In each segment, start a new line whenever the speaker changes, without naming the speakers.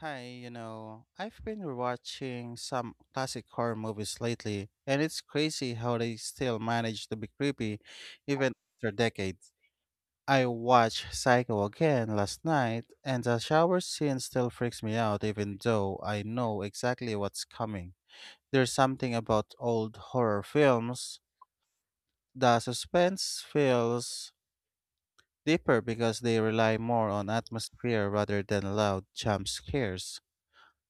Hi, you know, I've been watching some classic horror movies lately, and it's crazy how they still manage to be creepy even after decades. I watched Psycho again last night, and the shower scene still freaks me out even though I know exactly what's coming. There's something about old horror films. The suspense feels deeper because they rely more on atmosphere rather than loud jump scares.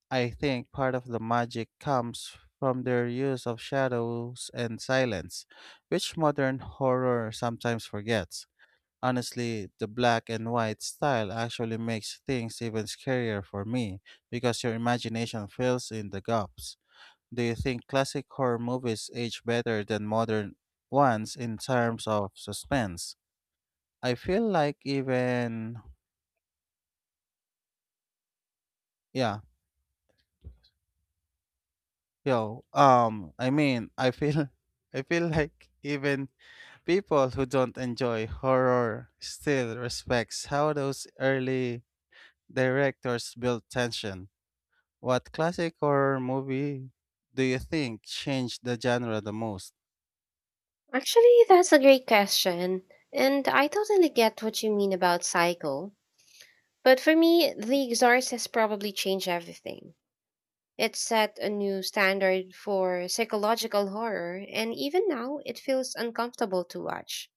I think part of the magic comes from their use of shadows and silence, which modern horror sometimes forgets. Honestly, the black and white style actually makes things even scarier for me because your imagination fills in the gaps. Do you think classic horror movies age better than modern ones in terms of suspense? I feel like even yeah, I mean, I feel I feel like even people who don't enjoy horror still respects how those early directors built tension. What classic horror movie do you think changed the genre the most?
Actually, that's a great question. And I totally get what you mean about cycle. But for me, the Exorcist has probably changed everything. It set a new standard for psychological horror, and even now it feels uncomfortable to watch.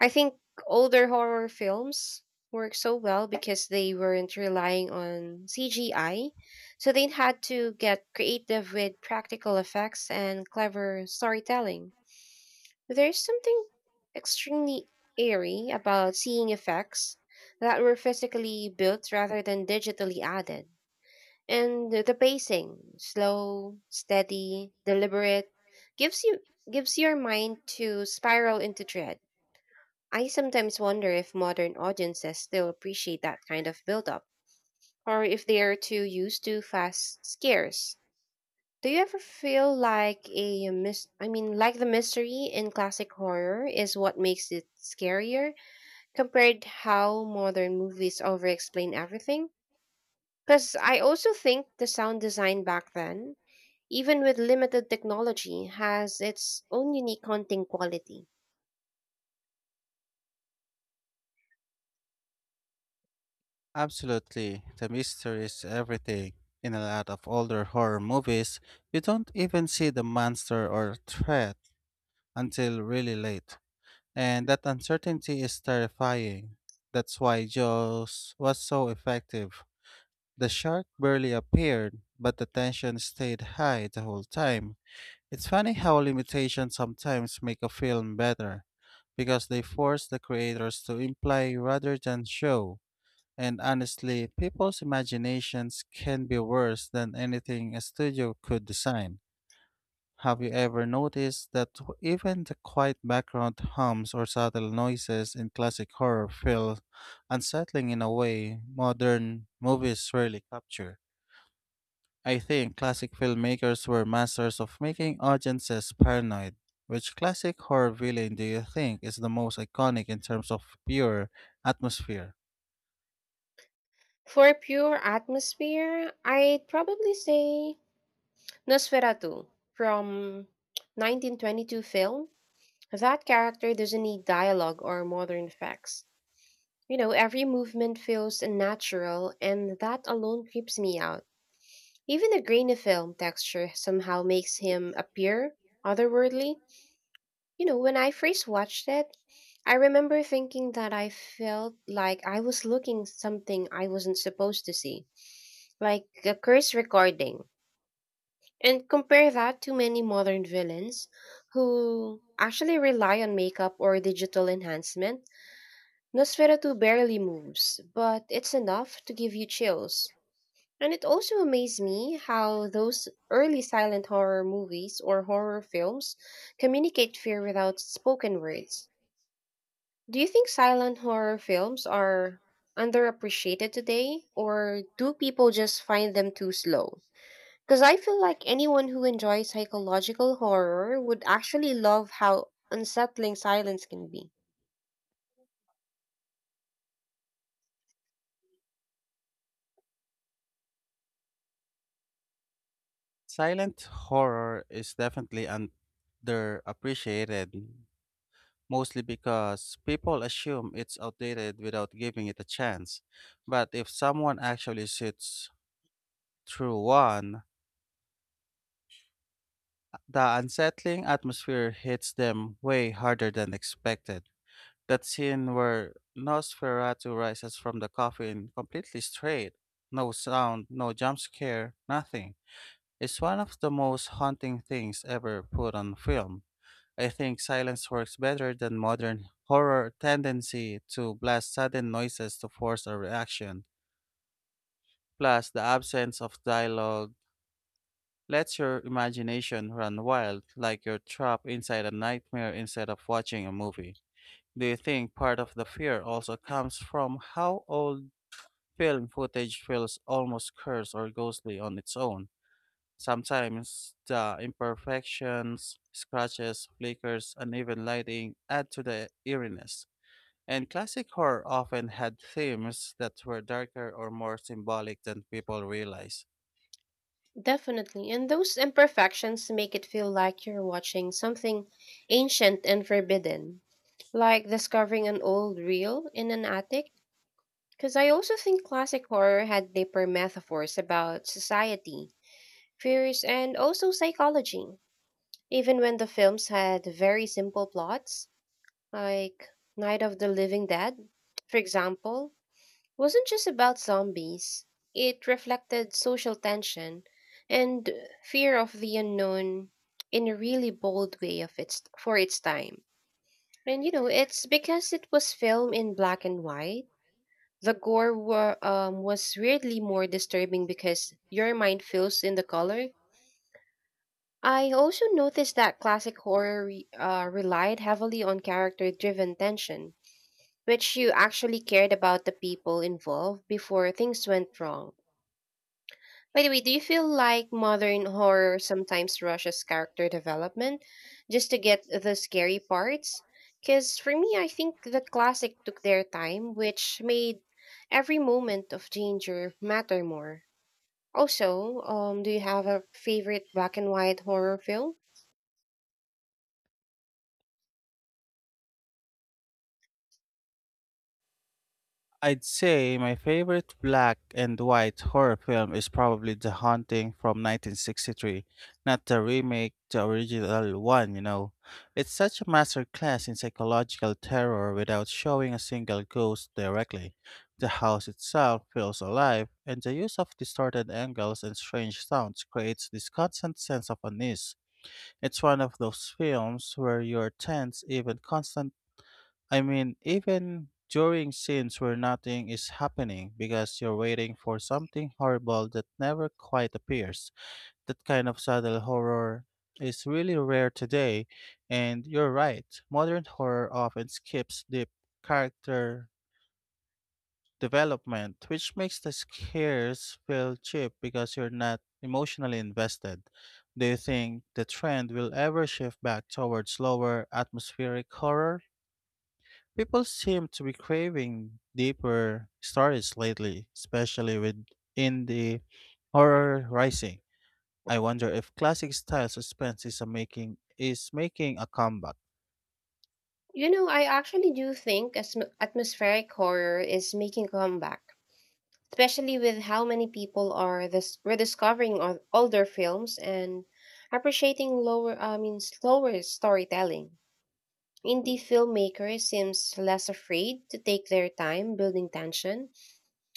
I think older horror films work so well because they weren't relying on CGI, so they had to get creative with practical effects and clever storytelling. There's something extremely eerie about seeing effects that were physically built rather than digitally added. And the pacing, slow, steady, deliberate, gives you gives your mind to spiral into dread. I sometimes wonder if modern audiences still appreciate that kind of build up, or if they are too used to fast scares. Do you ever feel like a mis- I mean like the mystery in classic horror is what makes it scarier compared how modern movies over-explain everything? Cuz I also think the sound design back then, even with limited technology, has its own unique haunting quality.
Absolutely, the mystery is everything. In a lot of older horror movies, you don't even see the monster or threat until really late, and that uncertainty is terrifying. That's why Jaws was so effective. The shark barely appeared, but the tension stayed high the whole time. It's funny how limitations sometimes make a film better, because they force the creators to imply rather than show. And honestly, people's imaginations can be worse than anything a studio could design. Have you ever noticed that even the quiet background hums or subtle noises in classic horror feel unsettling in a way modern movies rarely capture? I think classic filmmakers were masters of making audiences paranoid. Which classic horror villain do you think is the most iconic in terms of pure atmosphere?
For pure atmosphere, I'd probably say Nosferatu from 1922 film. That character doesn't need dialogue or modern effects. You know, every movement feels unnatural, and that alone creeps me out. Even the grainy film texture somehow makes him appear otherworldly. You know, when I first watched it, I remember thinking that I felt like I was looking something I wasn't supposed to see, like a curse recording. And compare that to many modern villains who actually rely on makeup or digital enhancement. Nosferatu barely moves, but it's enough to give you chills. And it also amazed me how those early silent horror movies or horror films communicate fear without spoken words. Do you think silent horror films are underappreciated today, or do people just find them too slow? Because I feel like anyone who enjoys psychological horror would actually love how unsettling silence can be.
Silent horror is definitely underappreciated, mostly because people assume it's outdated without giving it a chance. But if someone actually sits through one, the unsettling atmosphere hits them way harder than expected. That scene where Nosferatu rises from the coffin completely straight, no sound, no jump scare, nothing, is one of the most haunting things ever put on film. I think silence works better than modern horror tendency to blast sudden noises to force a reaction. Plus, the absence of dialogue lets your imagination run wild, like you're trapped inside a nightmare instead of watching a movie. Do you think part of the fear also comes from how old film footage feels almost cursed or ghostly on its own? Sometimes the imperfections, scratches, flickers, uneven lighting add to the eeriness. And classic horror often had themes that were darker or more symbolic than people realize.
Definitely. And those imperfections make it feel like you're watching something ancient and forbidden, like discovering an old reel in an attic. Because I also think classic horror had deeper metaphors about society, fears, and also psychology. Even when the films had very simple plots, like Night of the Living Dead, for example, wasn't just about zombies. It reflected social tension and fear of the unknown in a really bold way of its for its time. And you know, it's because it was filmed in black and white. The gore was weirdly more disturbing because your mind fills in the color. I also noticed that classic horror relied heavily on character-driven tension, which you actually cared about the people involved before things went wrong. By the way, do you feel like modern horror sometimes rushes character development just to get the scary parts? Because for me, I think the classic took their time, which made every moment of danger matter more. Also, do you have a favorite black and white horror film?
I'd say my favorite black and white horror film is probably The Haunting from 1963, not the remake, the original one, you know. It's such a masterclass in psychological terror without showing a single ghost directly. The house itself feels alive, and the use of distorted angles and strange sounds creates this constant sense of unease. It's one of those films where you're tense even constant I mean, even during scenes where nothing is happening because you're waiting for something horrible that never quite appears. That kind of subtle horror is really rare today, and you're right. Modern horror often skips deep character development, which makes the scares feel cheap because you're not emotionally invested. Do you think the trend will ever shift back towards slower atmospheric horror? People seem to be craving deeper stories lately, especially with indie horror rising. I wonder if classic style suspense is making a comeback.
You know, I actually do think as atmospheric horror is making a comeback, especially with how many people are this rediscovering older films and appreciating lower I mean slower storytelling. Indie filmmakers seems less afraid to take their time building tension,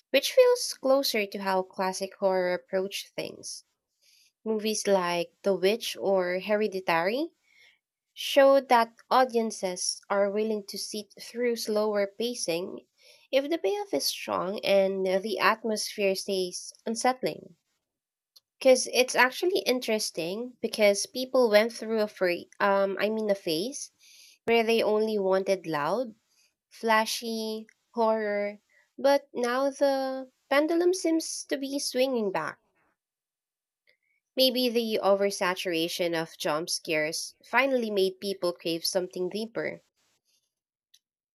which feels closer to how classic horror approach things. Movies like The Witch or Hereditary show that audiences are willing to sit through slower pacing if the payoff is strong and the atmosphere stays unsettling. Because it's actually interesting because people went through a free, I mean a phase where they only wanted loud, flashy, horror, but now the pendulum seems to be swinging back. Maybe the oversaturation of jump scares finally made people crave something deeper.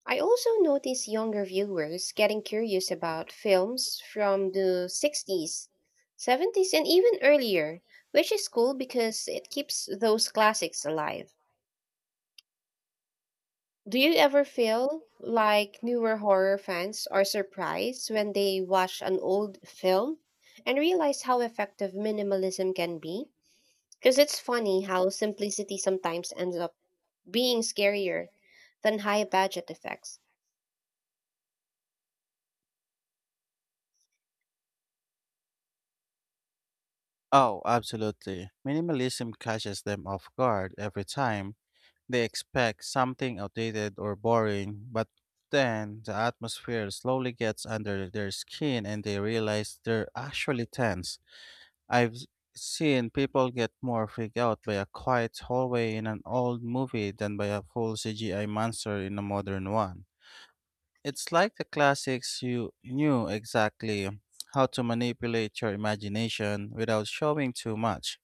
I also notice younger viewers getting curious about films from the '60s, '70s, and even earlier, which is cool because it keeps those classics alive. Do you ever feel like newer horror fans are surprised when they watch an old film and realize how effective minimalism can be? Because it's funny how simplicity sometimes ends up being scarier than high budget effects.
Oh, absolutely. Minimalism catches them off guard every time. They expect something outdated or boring, but then the atmosphere slowly gets under their skin and they realize they're actually tense. I've seen people get more freaked out by a quiet hallway in an old movie than by a full CGI monster in a modern one. It's like the classics you knew exactly how to manipulate your imagination without showing too much.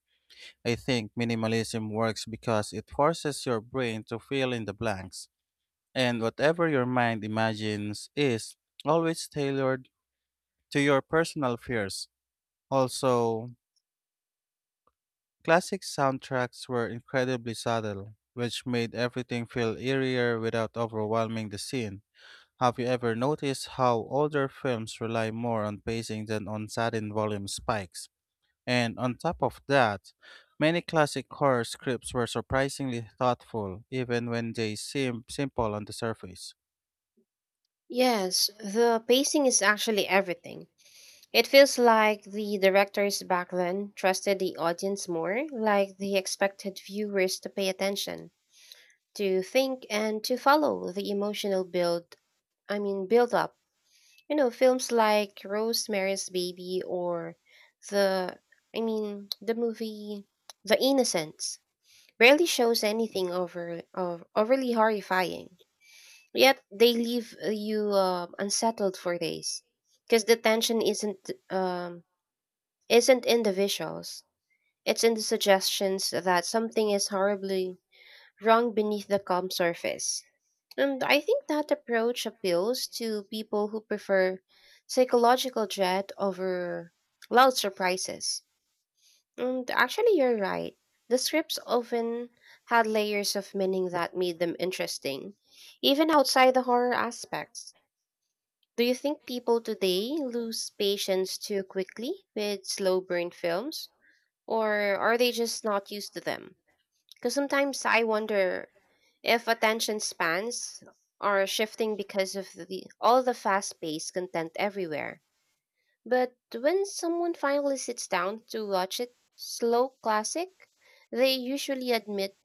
I think minimalism works because it forces your brain to fill in the blanks, and whatever your mind imagines is always tailored to your personal fears. Also, classic soundtracks were incredibly subtle, which made everything feel eerier without overwhelming the scene. Have you ever noticed how older films rely more on pacing than on sudden volume spikes? And on top of that, many classic horror scripts were surprisingly thoughtful, even when they seem simple on the surface.
Yes, the pacing is actually everything. It feels like the directors back then trusted the audience more, like they expected viewers to pay attention, to think, and to follow the emotional build, I mean, build up. You know, films like Rosemary's Baby or the, the movie The Innocents rarely shows anything of overly horrifying. Yet they leave you unsettled for days, because the tension isn't in the visuals. It's in the suggestions that something is horribly wrong beneath the calm surface. And I think that approach appeals to people who prefer psychological dread over loud surprises. And actually, you're right. The scripts often had layers of meaning that made them interesting, even outside the horror aspects. Do you think people today lose patience too quickly with slow burn films? Or are they just not used to them? Because sometimes I wonder if attention spans are shifting because of the all the fast paced content everywhere. But when someone finally sits down to watch it, slow classic, they usually admit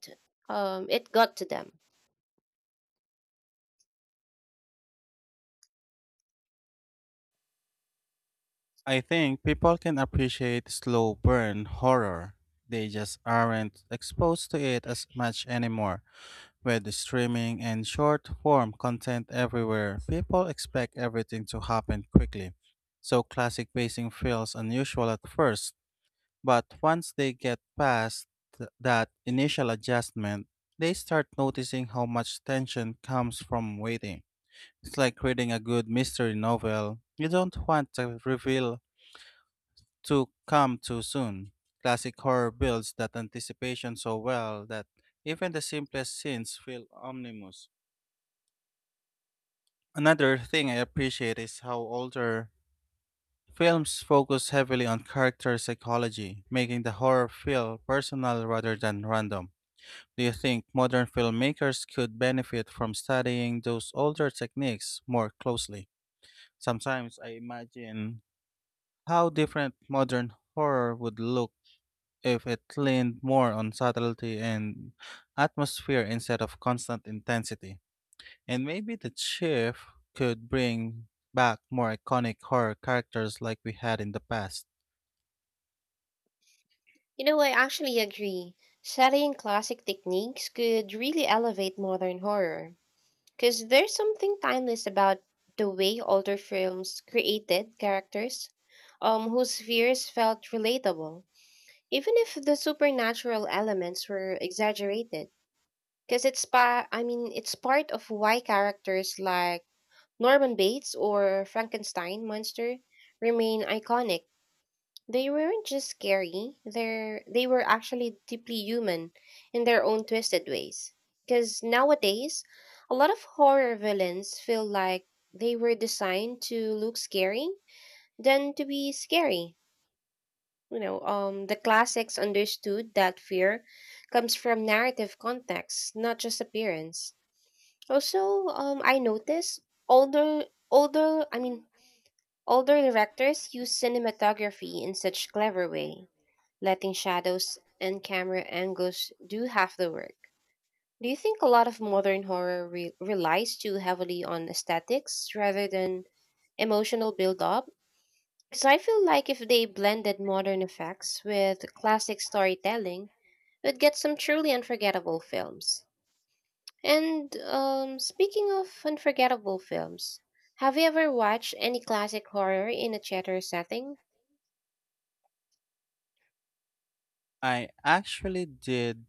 it got to them.
I think people can appreciate slow burn horror. They just aren't exposed to it as much anymore. With streaming and short form content everywhere, people expect everything to happen quickly. So classic pacing feels unusual at first, but once they get past that initial adjustment, they start noticing how much tension comes from waiting. It's like reading a good mystery novel. You don't want the reveal to come too soon. Classic horror builds that anticipation so well that even the simplest scenes feel ominous. Another thing I appreciate is how older films focus heavily on character psychology, making the horror feel personal rather than random. Do you think modern filmmakers could benefit from studying those older techniques more closely? Sometimes I imagine how different modern horror would look if it leaned more on subtlety and atmosphere instead of constant intensity. And maybe the shift could bring back more iconic horror characters like we had in the past.
You know, I actually agree. Studying classic techniques could really elevate modern horror, because there's something timeless about the way older films created characters whose fears felt relatable, even if the supernatural elements were exaggerated. Because it's pa- I mean, it's part of why characters like Norman Bates or Frankenstein monster remain iconic. They weren't just scary, they were actually deeply human in their own twisted ways. Because nowadays, a lot of horror villains feel like they were designed to look scary than to be scary. You know, the classics understood that fear comes from narrative context, not just appearance. Also, I noticed older, older, I mean, older directors use cinematography in such clever way letting shadows and camera angles do half the work. Do you think a lot of modern horror relies too heavily on aesthetics rather than emotional build up? Because I feel like if they blended modern effects with classic storytelling, we'd get some truly unforgettable films. And speaking of unforgettable films, have you ever watched any classic horror in a theater setting?
I actually did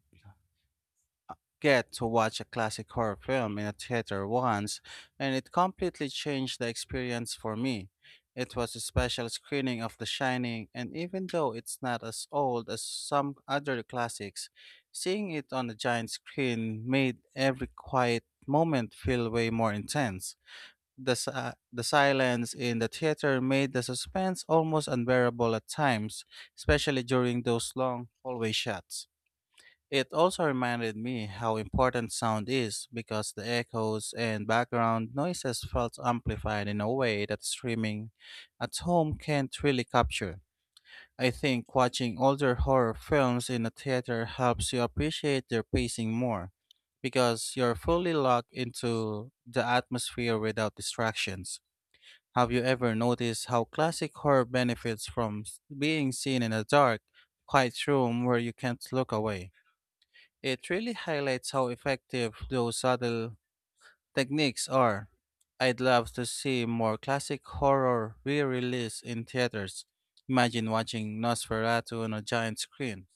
get to watch a classic horror film in a theater once, and it completely changed the experience for me. It was a special screening of The Shining, and even though it's not as old as some other classics, seeing it on a giant screen made every quiet moment feel way more intense. The, si- the silence in the theater made the suspense almost unbearable at times, especially during those long hallway shots. It also reminded me how important sound is because the echoes and background noises felt amplified in a way that streaming at home can't really capture. I think watching older horror films in a theater helps you appreciate their pacing more because you're fully locked into the atmosphere without distractions. Have you ever noticed how classic horror benefits from being seen in a dark, quiet room where you can't look away? It really highlights how effective those subtle techniques are. I'd love to see more classic horror re-released in theaters. Imagine watching Nosferatu on a giant screen.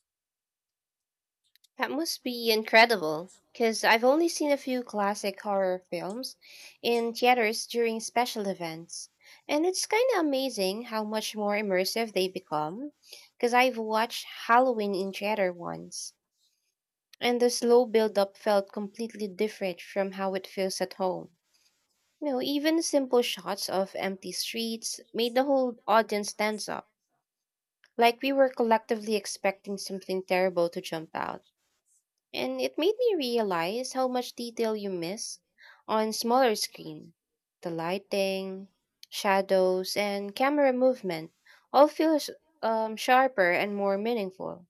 That must be incredible, because I've only seen a few classic horror films in theaters during special events. And it's kind of amazing how much more immersive they become, because I've watched Halloween in theater once, and the slow build up felt completely different from how it feels at home. You know, even simple shots of empty streets made the whole audience stand up, like we were collectively expecting something terrible to jump out. And it made me realize how much detail you miss on smaller screen. The lighting, shadows, and camera movement all feels sharper and more meaningful.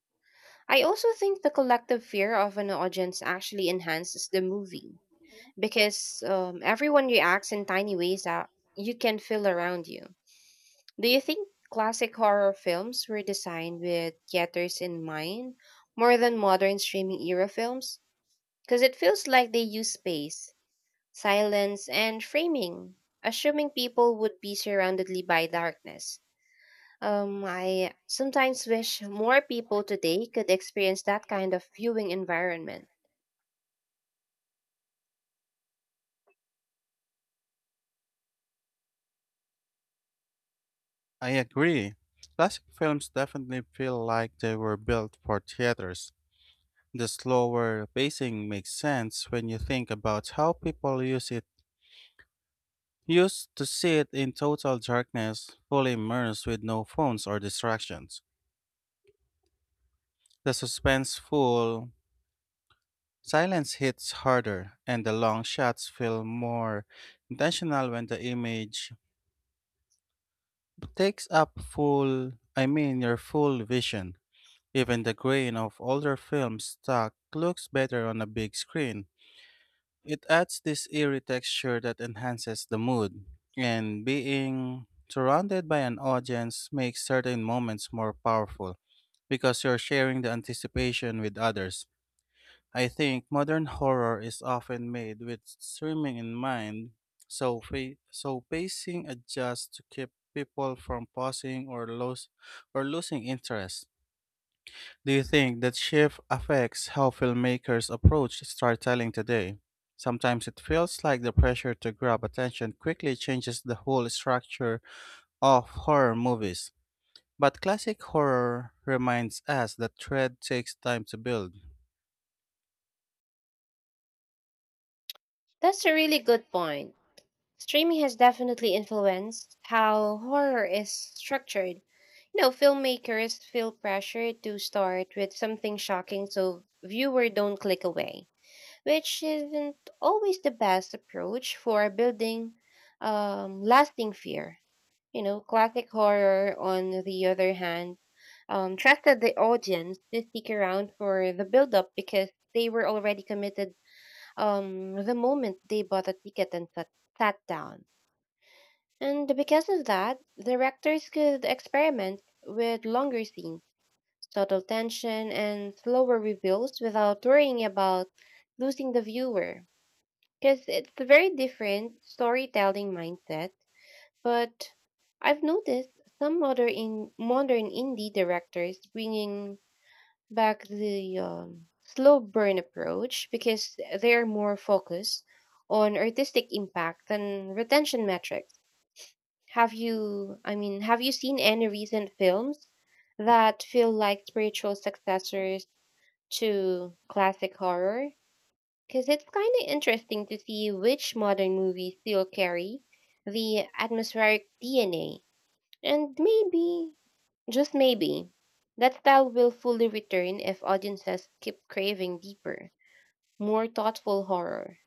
I also think the collective fear of an audience actually enhances the movie because everyone reacts in tiny ways that you can feel around you. Do you think classic horror films were designed with theaters in mind more than modern streaming era films? Because it feels like they use space, silence, and framing, assuming people would be surroundedly by darkness. I sometimes wish more people today could experience that kind of viewing environment.
I agree. Classic films definitely feel like they were built for theaters. The slower pacing makes sense when you think about how people use it used to sit in total darkness, fully immersed with no phones or distractions. The suspenseful silence hits harder, and the long shots feel more intentional when the image takes up I mean, your full vision. Even the grain of older films stock looks better on a big screen. It adds this eerie texture that enhances the mood, and being surrounded by an audience makes certain moments more powerful because you're sharing the anticipation with others. I think modern horror is often made with streaming in mind, so so pacing adjusts to keep people from pausing or lose or losing interest. Do you think that shift affects how filmmakers approach storytelling today? Sometimes it feels like the pressure to grab attention quickly changes the whole structure of horror movies. But classic horror reminds us that thread takes time to build.
That's a really good point. Streaming has definitely influenced how horror is structured. You know, filmmakers feel pressure to start with something shocking so viewer don't click away, which isn't always the best approach for building lasting fear. You know, classic horror, on the other hand, trusted the audience to stick around for the build up because they were already committed the moment they bought a ticket and sat down. And because of that, directors could experiment with longer scenes, subtle tension, and slower reveals without worrying about losing the viewer because it's a very different storytelling mindset. But I've noticed some other in modern indie directors bringing back the slow burn approach because they're more focused on artistic impact than retention metrics. Have you seen any recent films that feel like spiritual successors to classic horror? Because it's kind of interesting to see which modern movies still carry the atmospheric DNA. And maybe, just maybe, that style will fully return if audiences keep craving deeper, more thoughtful horror.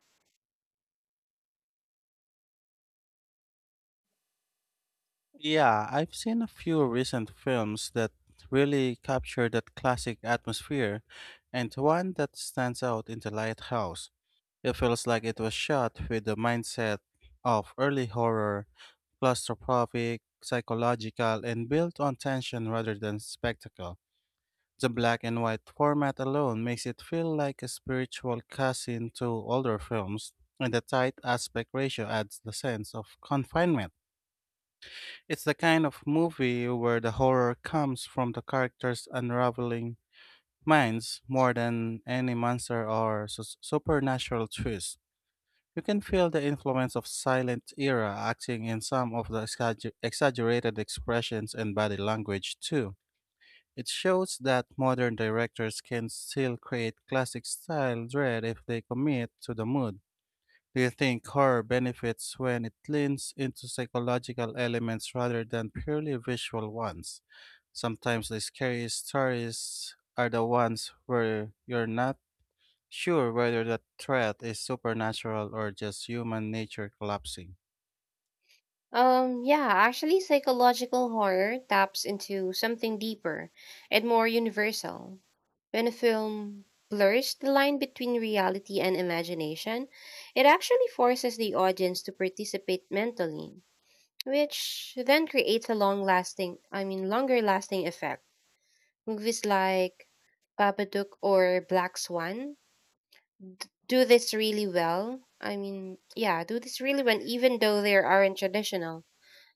Yeah, I've seen a few recent films that really capture that classic atmosphere, and one that stands out in The Lighthouse. It feels like it was shot with the mindset of early horror, claustrophobic, psychological, and built on tension rather than spectacle. The black and white format alone makes it feel like a spiritual cousin to older films, and the tight aspect ratio adds the sense of confinement. It's the kind of movie where the horror comes from the characters' unraveling minds more than any monster or supernatural twist. You can feel the influence of silent era acting in some of the exaggerated expressions and body language too. It shows that modern directors can still create classic style dread if they commit to the mood. Do you think horror benefits when it leans into psychological elements rather than purely visual ones? Sometimes the scariest stories are the ones where you're not sure whether the threat is supernatural or just human nature collapsing.
Yeah, actually, psychological horror taps into something deeper and more universal. When a film blurs the line between reality and imagination, it actually forces the audience to participate mentally, which then creates a longer lasting effect. Movies like Babadook or Black Swan do this really well. I mean, yeah, do this really well, even though they aren't traditional.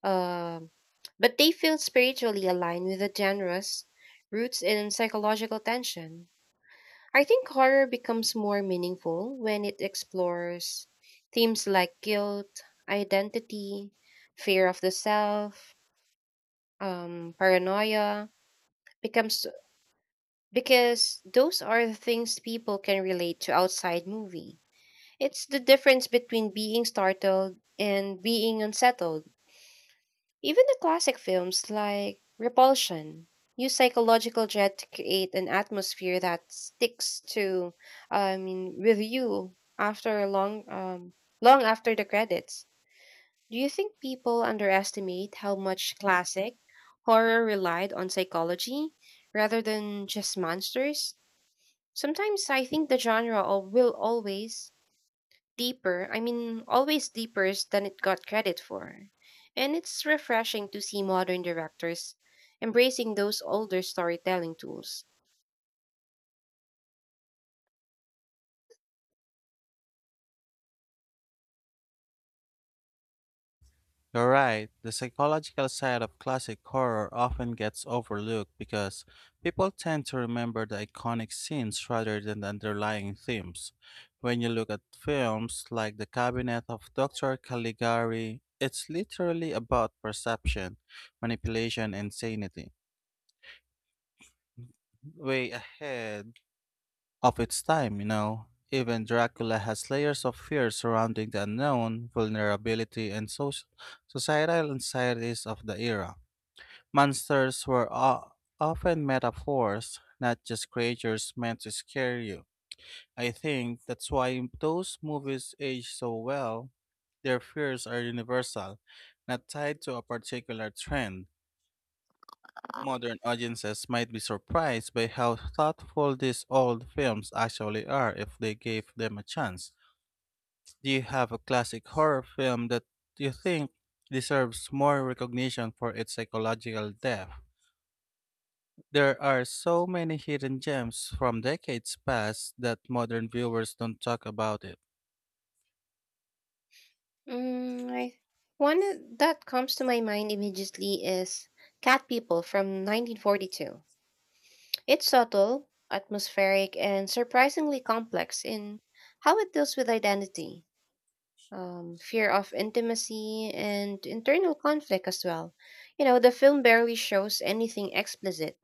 Um, but they feel spiritually aligned with the genre's roots in psychological tension. I think horror becomes more meaningful when it explores themes like guilt, identity, fear of the self, paranoia. Becomes Because those are the things people can relate to outside movie. It's the difference between being startled and being unsettled. Even the classic films like Repulsion use psychological dread to create an atmosphere that sticks with you after a long after the credits. Do you think people underestimate how much classic horror relied on psychology rather than just monsters? Sometimes I think the genre will always deeper than it got credit for. And it's refreshing to see modern directors embracing those older storytelling tools.
You're right, the psychological side of classic horror often gets overlooked because people tend to remember the iconic scenes rather than the underlying themes. When you look at films like The Cabinet of Dr. Caligari, it's literally about perception, manipulation, and sanity. Way ahead of its time, you know. Even Dracula has layers of fear surrounding the unknown, vulnerability, and societal anxieties of the era. Monsters were often metaphors, not just creatures meant to scare you. I think that's why those movies age so well. Their fears are universal, not tied to a particular trend. Modern audiences might be surprised by how thoughtful these old films actually are if they gave them a chance. Do you have a classic horror film that you think deserves more recognition for its psychological depth? There are so many hidden gems from decades past that modern viewers don't talk about it.
Mm, I, One that comes to my mind immediately is Cat People from 1942. It's subtle, atmospheric, and surprisingly complex in how it deals with identity, fear of intimacy, and internal conflict as well. You know, the film barely shows anything explicit.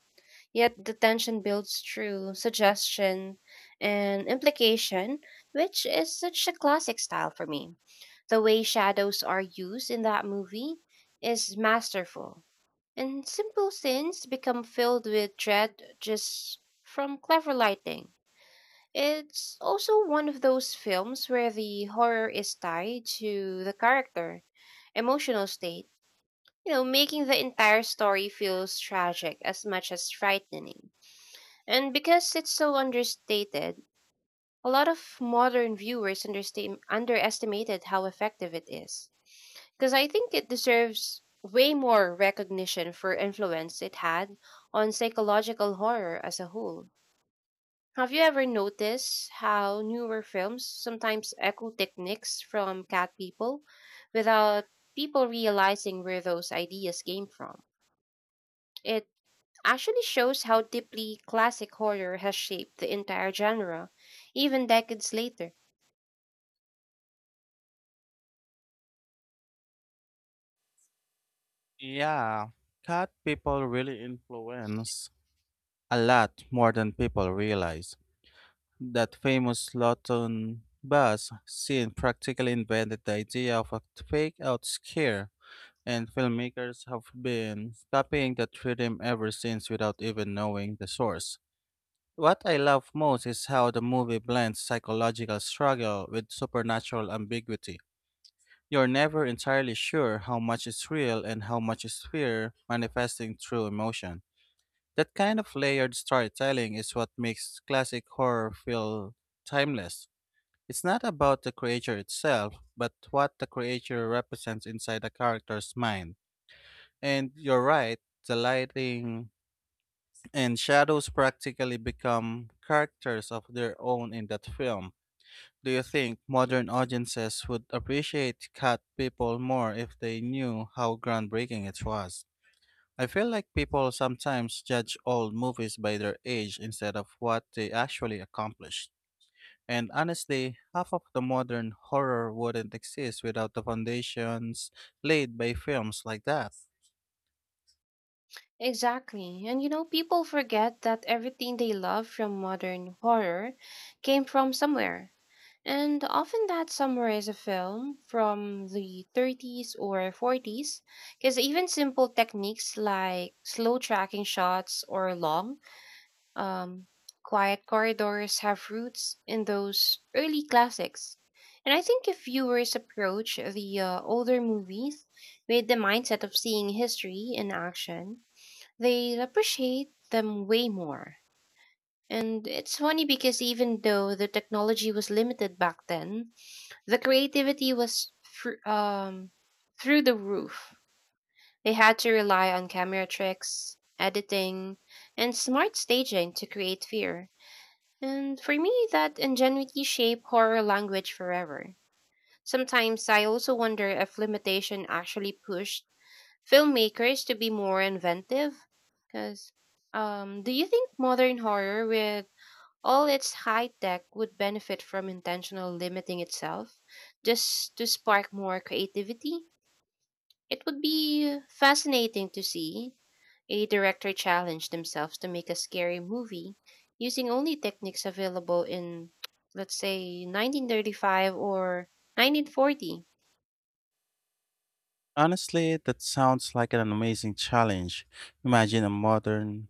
Yet the tension builds through suggestion and implication, which is such a classic style for me. The way shadows are used in that movie is masterful, and simple scenes become filled with dread just from clever lighting. It's also one of those films where the horror is tied to the character, emotional state, you know, making the entire story feels tragic as much as frightening. And because it's so understated, a lot of modern viewers underestimated how effective it is. Because I think it deserves way more recognition for influence it had on psychological horror as a whole. Have you ever noticed how newer films sometimes echo techniques from cat people without people realizing where those ideas came from? It actually shows how deeply classic horror has shaped the entire genre, even decades later.
Yeah, cat people really influence a lot more than people realize. That famous Lawton bus scene practically invented the idea of a fake out scare, and filmmakers have been copying that rhythm ever since without even knowing the source. What I love most is how the movie blends psychological struggle with supernatural ambiguity. You're never entirely sure how much is real and how much is fear manifesting through emotion. That kind of layered storytelling is what makes classic horror feel timeless. It's not about the creature itself, but what the creature represents inside the character's mind. And you're right, the lighting and shadows practically become characters of their own in that film. Do you think modern audiences would appreciate cat people more if they knew how groundbreaking it was? I feel like people sometimes judge old movies by their age instead of what they actually accomplished. And honestly, half of the modern horror wouldn't exist without the foundations laid by films like that.
Exactly. And you know, people forget that everything they love from modern horror came from somewhere. And often that somewhere is a film from the '30s or '40s, because even simple techniques like slow tracking shots or long Um, quiet corridors have roots in those early classics. And I think if viewers approach the older movies with the mindset of seeing history in action, they appreciate them way more. And it's funny because even though the technology was limited back then, the creativity was through the roof. They had to rely on camera tricks, editing, and smart staging to create fear. And for me, that ingenuity shaped horror language forever. Sometimes I also wonder if limitation actually pushed filmmakers to be more inventive. Because, do you think modern horror, with all its high tech, would benefit from intentional limiting itself just to spark more creativity? It would be fascinating to see a director challenge themselves to make a scary movie using only techniques available in, let's say, 1935 or 1940.
Honestly, that sounds like an amazing challenge. Imagine a modern